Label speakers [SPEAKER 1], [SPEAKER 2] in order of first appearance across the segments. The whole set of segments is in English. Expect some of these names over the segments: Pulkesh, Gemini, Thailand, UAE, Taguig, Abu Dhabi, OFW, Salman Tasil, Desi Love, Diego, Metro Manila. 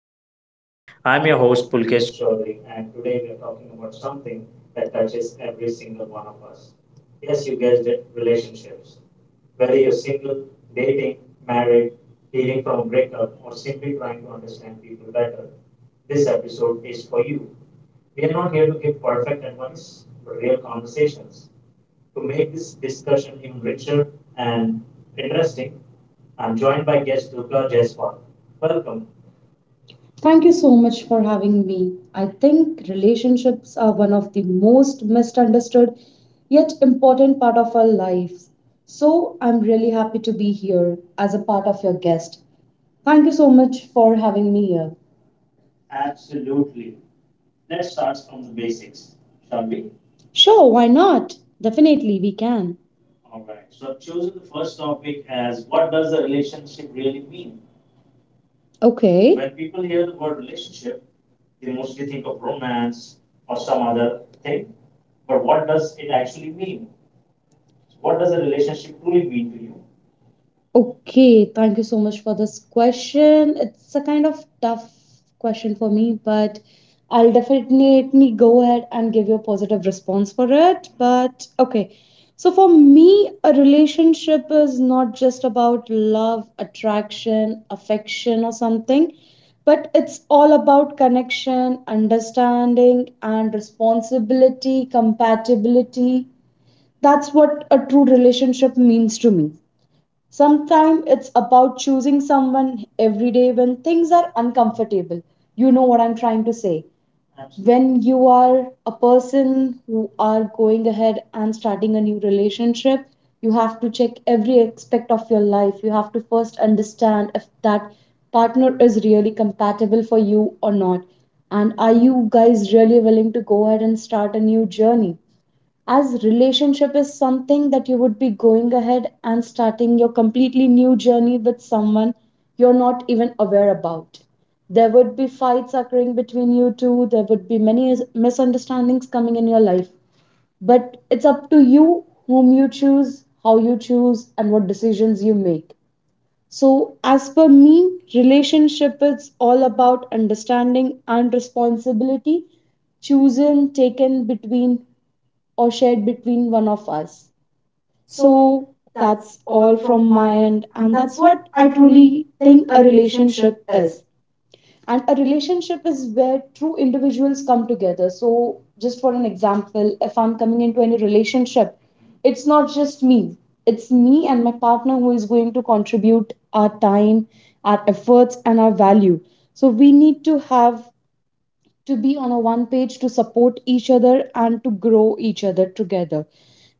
[SPEAKER 1] Desi Love. I'm your host, Pulkesh.
[SPEAKER 2] Thank you so much for having me. I think relationships are one of the most misunderstood yet important part of our lives. So I'm really happy to be here as a part of your guest. Thank you so much for having me here. Sure, why not? Definitely we can. Okay. Okay, thank you so much for this question. It's a kind of tough question for me, but I'll definitely go ahead and give you a positive response for it. But okay, so for me, a relationship is not just about love, attraction, affection, or something, but it's all about connection, understanding, and responsibility, compatibility. That's what a true relationship means to me. Sometimes it's about choosing someone every day when things are uncomfortable. You know what I'm trying to say. When you are a person who are going ahead and starting a new relationship, you have to check every aspect of your life. You have to first understand if that partner is really compatible for you or not. And are you guys really willing to go ahead and start a new journey? As relationship is something that you would be going ahead and starting your completely new journey with someone you're not even aware about. There would be fights occurring between you two, there would be many misunderstandings coming in your life. But it's up to you whom you choose, how you choose, and what decisions you make. So, as per me, relationship is all about understanding and responsibility chosen, taken between or shared between one of us. So that's all from my end, and that's what I truly think a relationship is. And a relationship is where two individuals come together. So, just for an example, if I'm coming into any relationship, it's not just me, it's me and my partner who is going to contribute our time, our efforts, and our value. So, we need to have to be on a one page to support each other and to grow each other together.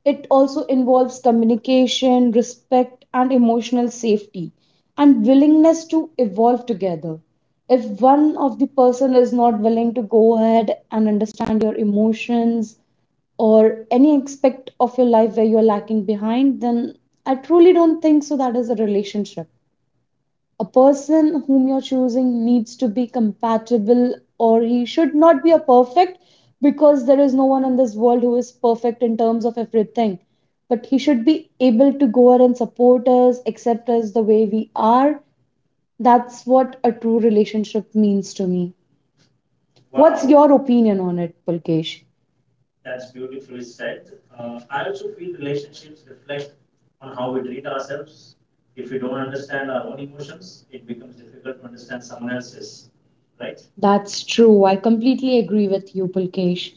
[SPEAKER 2] It also involves communication, respect, and emotional safety, and willingness to evolve together. If one of the person is not willing to go ahead and understand your emotions or any aspect of your life where you're lacking behind, then I truly don't think so that is a relationship. A person whom you're choosing needs to be compatible, or he should not be a perfect, because there is no one in this world who is perfect in terms of everything, but he should be able to go out and support us, accept us the way we are. That's what a true relationship means to me. Wow. What's your opinion on it, Pulkesh? That's true, I completely agree with you, Pulkesh.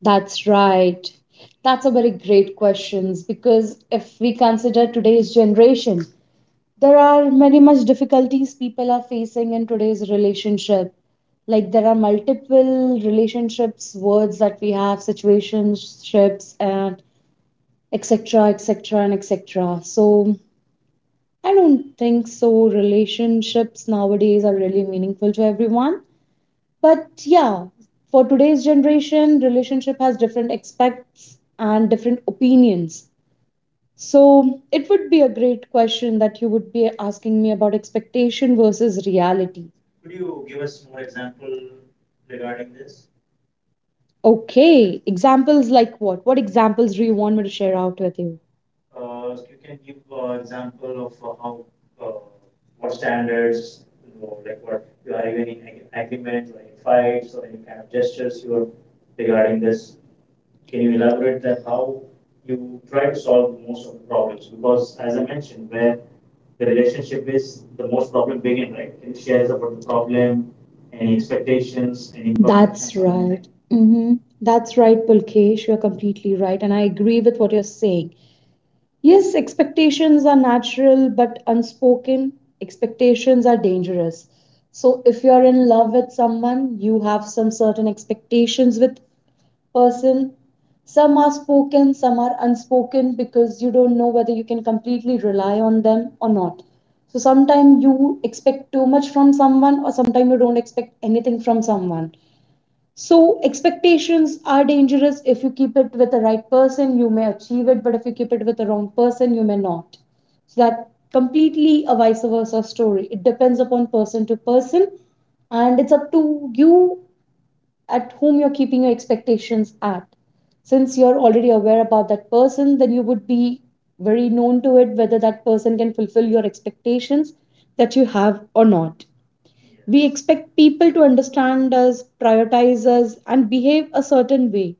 [SPEAKER 2] That's right. That's a very great question because if we consider today's generation, there are very much difficulties people are facing in today's relationship. Like there are multiple relationships, words that we have, situationships, and etc. etc. and etc. So I don't think so. Relationships nowadays are really meaningful to everyone. But yeah, for today's generation, relationship has different expects and different opinions. So it would be a great question that you would be asking me about expectation versus reality. Okay, examples like what? What examples do you want me to share out with you? Mm-hmm. That's right, Pulkesh. You're completely right. And I agree with what you're saying. Yes, expectations are natural but unspoken. Expectations are dangerous. So, if you're in love with someone, you have some certain expectations with person. Some are spoken, some are unspoken because you don't know whether you can completely rely on them or not. So sometimes you expect too much from someone, or sometimes you don't expect anything from someone. So expectations are dangerous. If you keep it with the right person, you may achieve it, but if you keep it with the wrong person, you may not. So that completely a vice versa story. It depends upon person to person, and it's up to you at whom you're keeping your expectations at. Since you're already aware about that person, then you would be very known to it whether that person can fulfill your expectations that you have or not. We expect people to understand us, prioritize us, and behave a certain way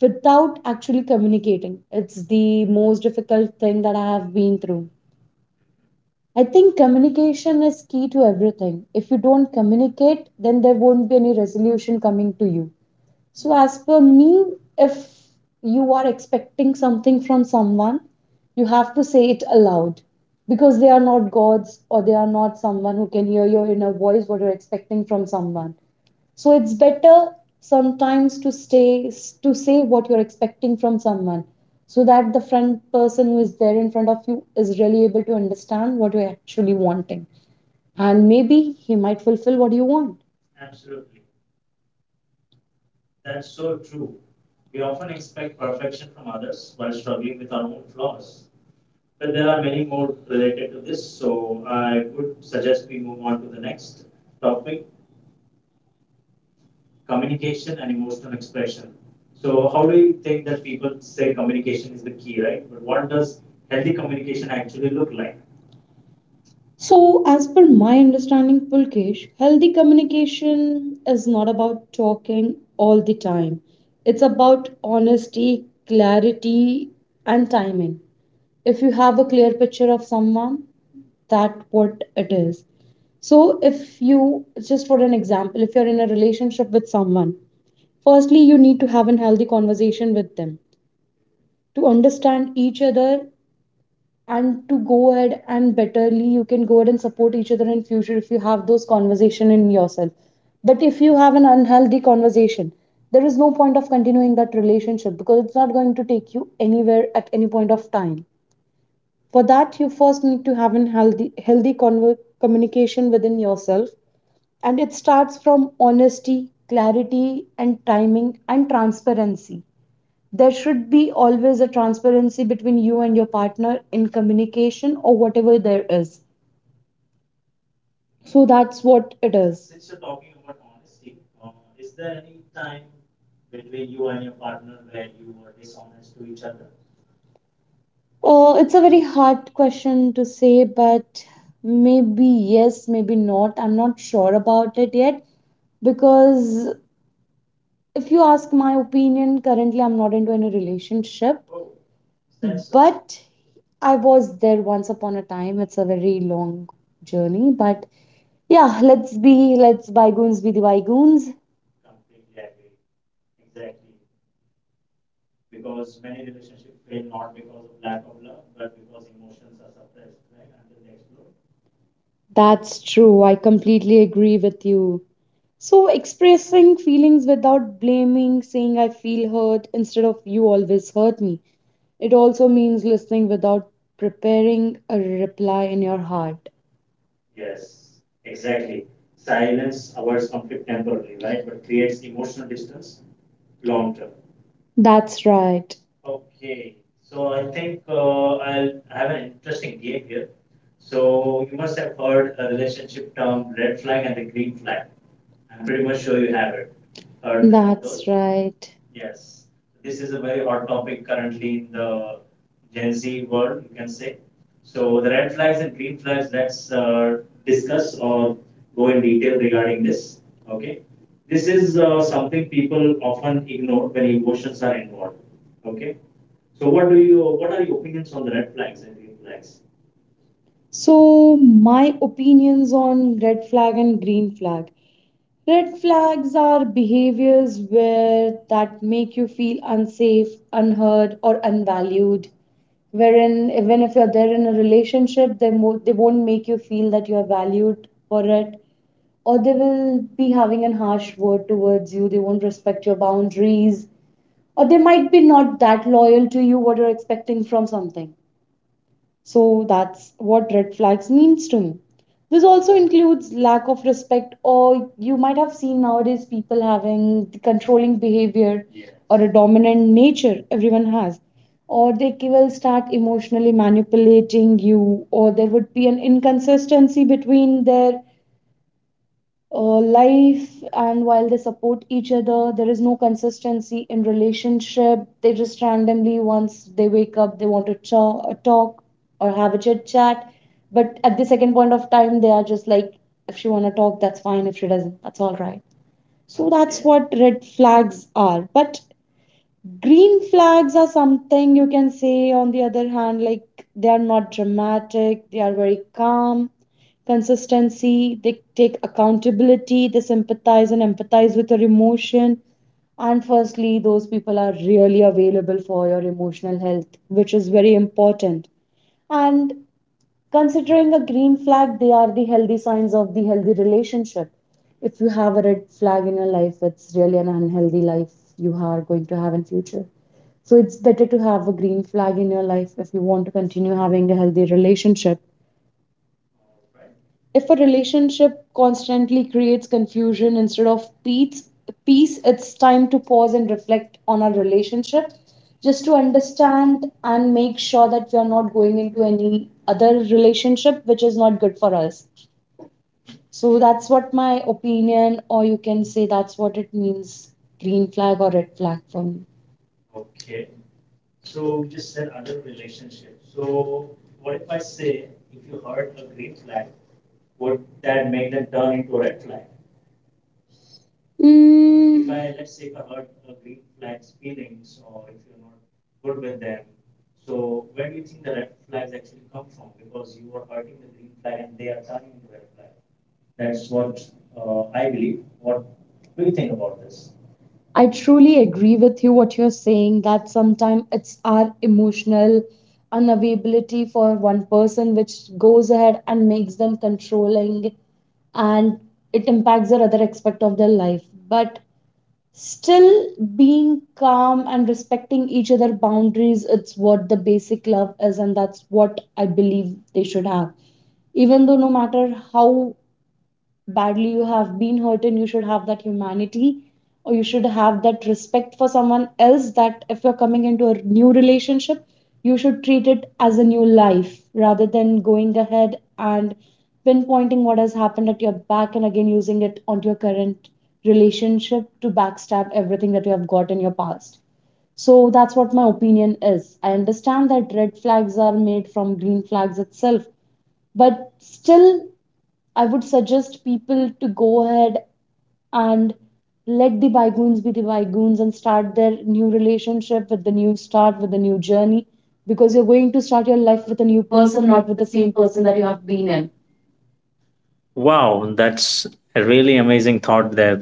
[SPEAKER 2] without actually communicating. It's the most difficult thing that I have been through. I think communication is key to everything. If you don't communicate, then there won't be any resolution coming to you. So, as per me, if you are expecting something from someone, you have to say it aloud, because they are not gods or they are not someone who can hear your inner voice, what you're expecting from someone. So it's better sometimes to say what you're expecting from someone, so that the front person who is there in front of you is really able to understand what you're actually wanting. And maybe he might fulfill what you want. So, as per my understanding, Pulkesh, healthy communication is not about talking all the time. It's about honesty, clarity, and timing. If you have a clear picture of someone, that what it is. So, if you, just for an example, if you're in a relationship with someone, firstly, you need to have a healthy conversation with them to understand each other, and to go ahead and betterly you can go ahead and support each other in future if you have those conversation in yourself. But if you have an unhealthy conversation, there is no point of continuing that relationship because it's not going to take you anywhere at any point of time. For that you first need to have a healthy communication within yourself, and it starts from honesty, clarity and timing and transparency. There should be always a transparency between you and your partner in communication or whatever there is. So that's what it is. Oh, it's a very hard question to say, but maybe yes, maybe not. I'm not sure about it yet because if you ask my opinion, currently I'm not into any relationship. But I was there once upon a time. It's a very long journey, but yeah, let's bygones be the bygones. That's true. I completely agree with you. So expressing feelings without blaming, saying I feel hurt instead of you always hurt me. It also means listening without preparing a reply in your heart. That's right. Right. So, my opinions on red flag and green flag. Red flags are behaviors where that make you feel unsafe, unheard, or unvalued. Wherein, even if you're there in a relationship, they won't make you feel that you're valued for it, or they will be having a harsh word towards you. They won't respect your boundaries, or they might be not that loyal to you what you're expecting from something. So that's what red flags means to me. This also includes lack of respect, or you might have seen nowadays people having the controlling behavior. Yes. Or a dominant nature, everyone has. Or will start emotionally manipulating you, or there would be an inconsistency between their life, and while they support each other there is no consistency in relationship. They just randomly once they wake up they want to talk or have a chit chat, but at the second point of time they are just like, if she want to talk that's fine, if she doesn't that's all right. So that's what red flags are. But green flags are something you can say, on the other hand, like they are not dramatic, they are very calm, consistency, they take accountability, they sympathize and empathize with your emotion. And firstly, those people are really available for your emotional health, which is very important. And considering a green flag, they are the healthy signs of the healthy relationship. If you have a red flag in your life, it's really an unhealthy life you are going to have in future. So it's better to have a green flag in your life if you want to continue having a healthy relationship. If a relationship constantly creates confusion instead of peace, peace, it's time to pause and reflect on our relationship, just to understand and make sure that we are not going into any other relationship which is not good for us. So that's what my opinion, or you can say that's what it means, green flag or red flag for me. Mm, I truly agree with you what you're saying that sometimes it's our emotional unavailability for one person which goes ahead and makes them controlling, and it impacts their other aspect of their life. But still, being calm and respecting each other boundaries, it's what the basic love is, and that's what I believe they should have, even though no matter how badly you have been hurt, and you should have that humanity, or you should have that respect for someone else, that if you're coming into a new relationship, you should treat it as a new life, rather than going ahead and pinpointing what has happened at your back and again using it onto your current relationship to backstab everything that you have got in your past. So that's what my opinion is. I understand that red flags are made from green flags itself, but still, I would suggest people to go ahead and let the bygones be the bygones and start their new relationship with the new start, with the new journey, because you're going to start your life with a new person, not with the same person that you have been in.
[SPEAKER 1] Wow, that's a really amazing thought there.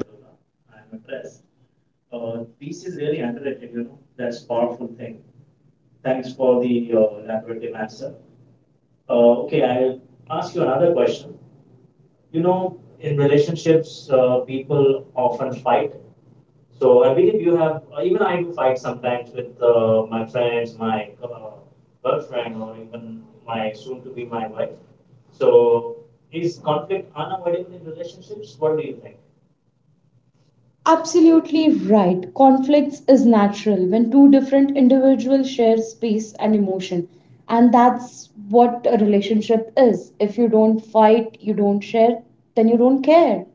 [SPEAKER 2] Absolutely right. Conflicts is natural when two different individuals share space and emotion. And that's what a relationship is. If you don't fight, you don't share, then you don't care.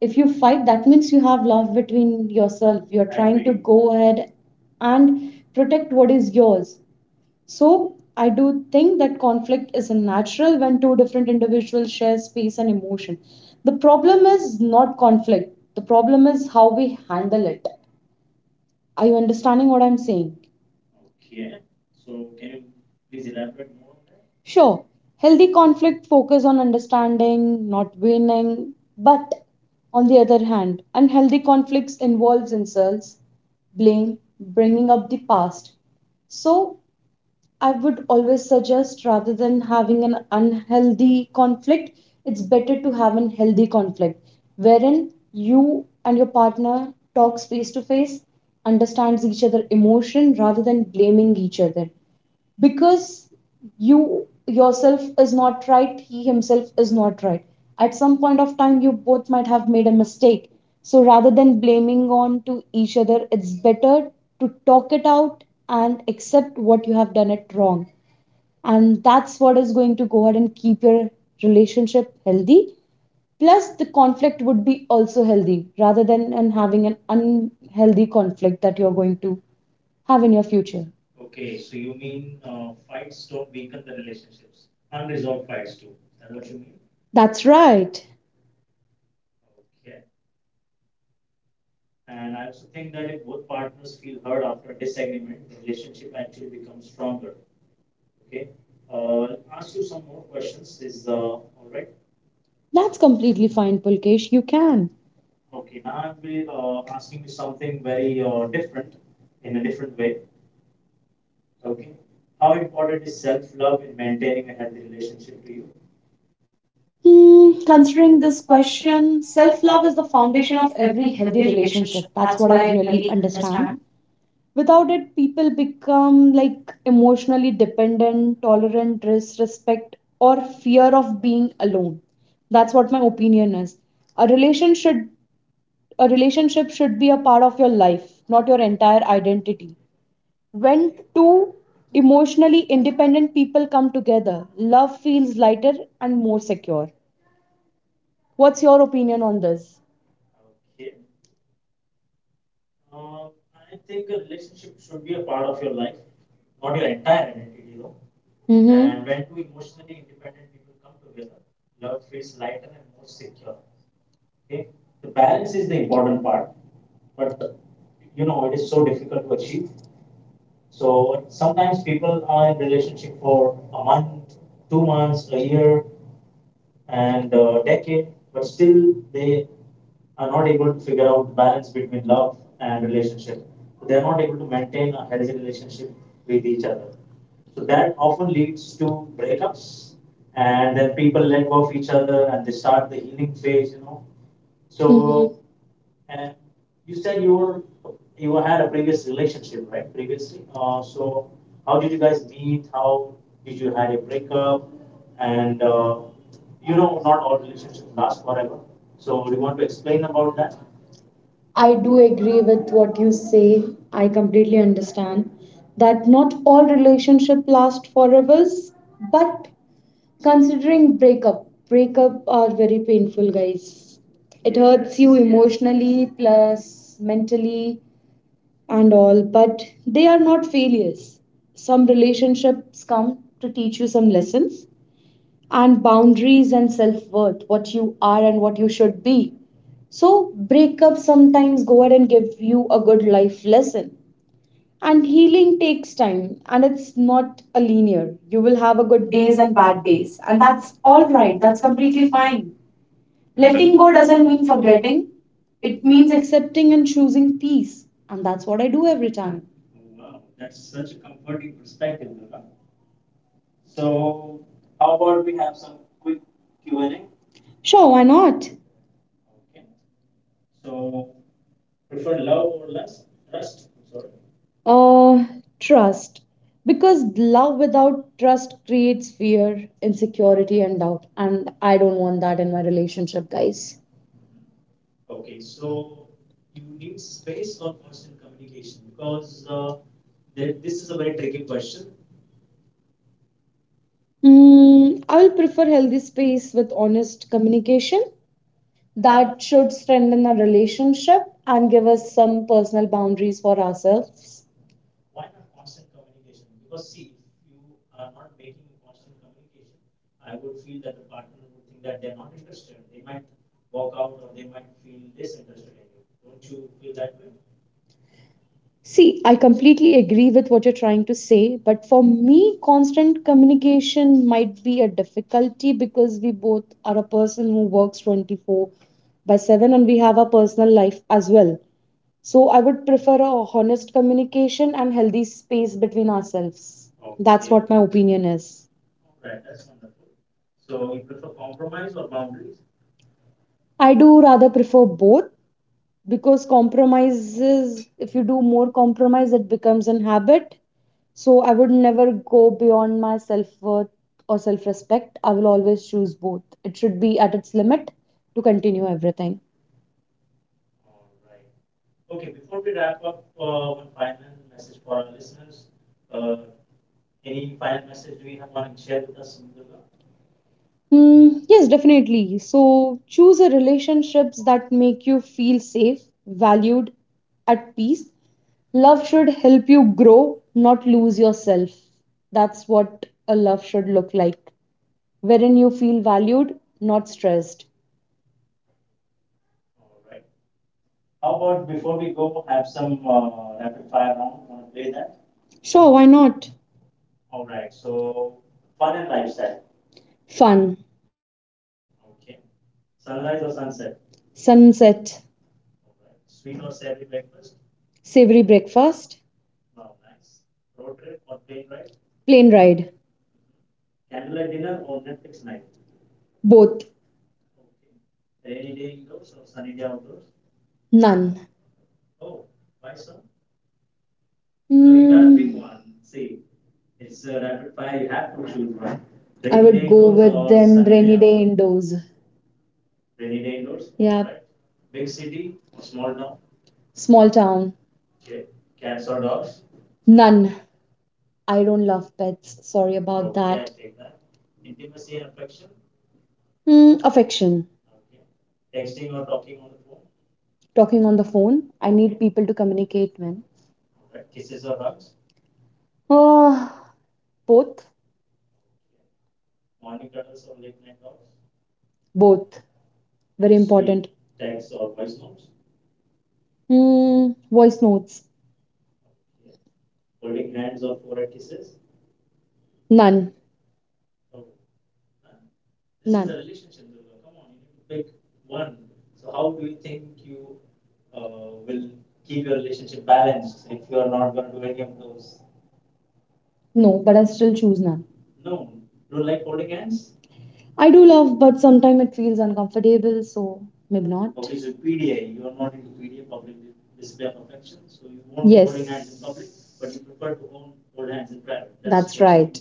[SPEAKER 2] If you fight, that means you have love between yourself, you're trying to go ahead and protect what is yours. So I do think that conflict is natural when two different individuals share space and emotion. The problem is not conflict, the problem is how we handle it. Are you understanding what I'm saying? Sure, healthy conflict focus on understanding, not winning, but on the other hand, unhealthy conflicts involves insults, blame, bringing up the past. So, I would always suggest, rather than having an unhealthy conflict, it's better to have an healthy conflict wherein you and your partner talks face to face, understands each other emotion rather than blaming each other, because you yourself is not right, he himself is not right. At some point of time, you both might have made a mistake. So rather than blaming on to each other, it's better to talk it out and accept what you have done it wrong. And that's what is going to go ahead and keep your relationship healthy. Plus, the conflict would be also healthy rather than and having an unhealthy conflict that you're going to have in your future. That's right. That's completely fine, Pulkesh. You can. Considering this question, self love is the foundation of every healthy relationship. That's what I really understand. Without it, people become like emotionally dependent, tolerant, disrespect, or fear of being alone. That's what my opinion is. A relation should a relationship should be a part of your life, not your entire identity. When two emotionally independent people come together, love feels lighter and more secure. What's your opinion on this? Mhm. And when two emotionally independent people come together, love feels lighter and more secure. I do agree with what you say. I completely understand that not all relationship last forever, but considering breakup are very painful, guys. It hurts you emotionally plus mentally and all, but they are not failures. Some relationships come to teach you some lessons and boundaries and self worth, what you are and what you should be. So, breakups sometimes go ahead and give you a good life lesson. And healing takes time and it's not a linear. You will have a good days and bad days, and that's all right, that's completely fine.
[SPEAKER 1] Letting
[SPEAKER 2] Letting
[SPEAKER 1] go
[SPEAKER 2] go
[SPEAKER 1] doesn't
[SPEAKER 2] doesn't
[SPEAKER 1] mean
[SPEAKER 2] mean
[SPEAKER 1] forgetting.
[SPEAKER 2] forgetting, it means accepting and choosing peace, and that's what I do every time. Sure, why not? Uh, Trust. Because love without trust creates fear, insecurity, and doubt. And I don't want that in my relationship, guys. I will prefer healthy space with honest communication that should strengthen our relationship and give us some personal boundaries for ourselves. See, I completely agree with what you're trying to say, but for me, constant communication might be a difficulty because we both are a person who works 24 by 7, and we have a personal life as well. So I would prefer a honest communication and healthy space between ourselves. That's what my opinion is. I do rather prefer both, because compromises, if you do more compromise it becomes an habit. So I would never go beyond my self-worth or self-respect. I will always choose both, it should be at its limit, to continue everything. Hmm, yes, definitely. So choose a relationships that make you feel safe, valued, at peace. Love should help you grow, not lose yourself. That's what a love should look like, wherein you feel valued, not stressed. Sure, why not? Fun, sunset, savory breakfast, plane ride, both, none. Mm. Mm, I would day go with then rainy day indoors. Yeah, small town, none. I don't love pets. Sorry about that. Affection. Talking on the phone. I need people to communicate when. Oh, both, both, very. Voice notes, none, none. No. But I still choose none. I do love, but sometimes it feels uncomfortable, so maybe not. Yes. That's right.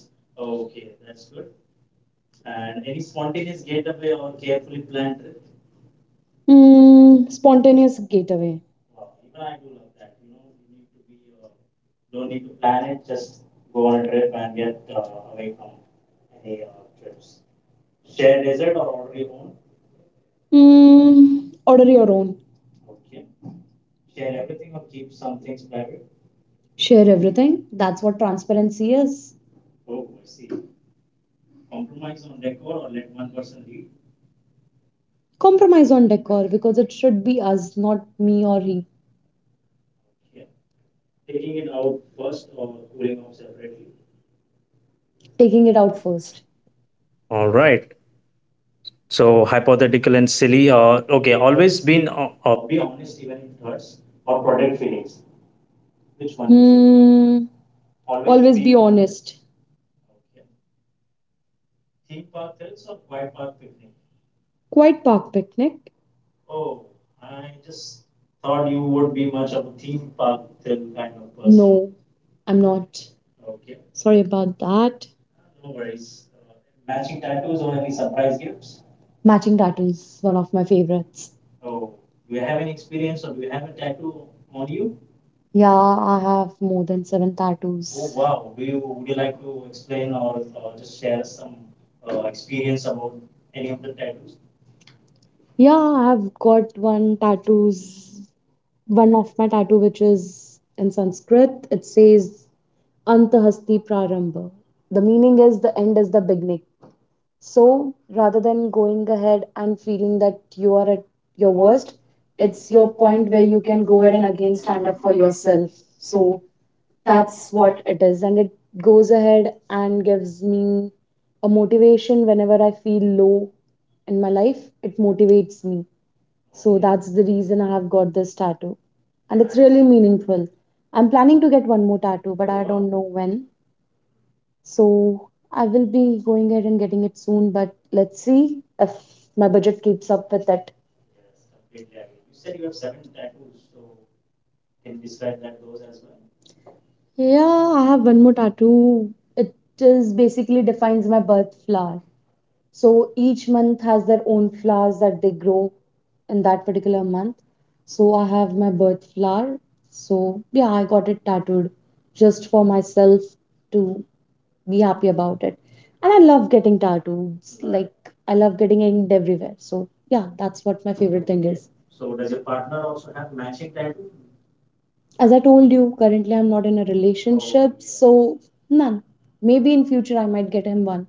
[SPEAKER 2] Spontaneous getaway. Order your own. Share everything. That's what transparency is. Compromise on decor because it should be us, not me or he. Taking it out first.
[SPEAKER 1] All right. So, hypothetical and silly. Okay, always been.
[SPEAKER 2] Mm, always be honest. Quiet park picnic. No, I'm not. Sorry about that. Matching tattoos, one of my favorites. Yeah, I have more than seven Oh tattoos. Yeah, I've got one tattoos, one of my tattoo which is in Sanskrit. It says Antahasti Prarambha. The meaning is the end is the beginning. So rather than going ahead and feeling that you are at your worst, it's your point where you can go ahead and again stand up for yourself. So that's what it is. And it goes ahead and gives me a motivation whenever I feel low in my life. It motivates me. So that's the reason I have got this tattoo. And it's really meaningful. I'm planning to get one more tattoo, but I don't know when. So I will be going ahead and getting it soon, but let's see if my budget keeps up with it. Yeah, I have one more tattoo. It is basically defines my birth flower. So each month has their own flowers that they grow in that particular month. So I have my birth flower. So yeah, I got it tattooed just for myself to be happy about it. And I love getting tattoos. Like I love getting inked everywhere. So yeah, that's what my favorite thing is. As I told you, currently I'm not in a relationship, so none. Maybe in future I might get him one.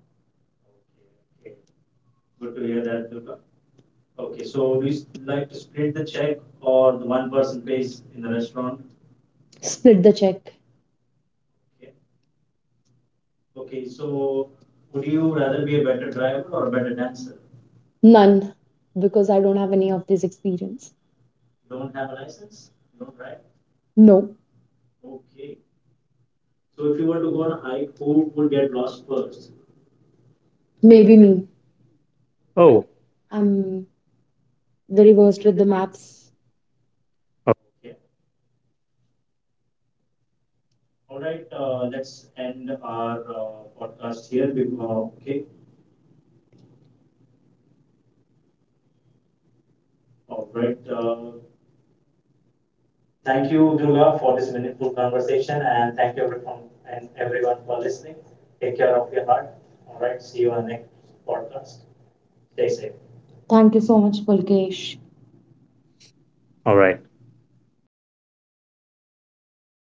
[SPEAKER 2] Split the check. None. Because I don't have any of this experience. No, maybe me.
[SPEAKER 1] Oh,
[SPEAKER 2] I'm very worst with the maps.
[SPEAKER 1] oh,
[SPEAKER 2] Thank you so much, Pulkesh.
[SPEAKER 1] all right.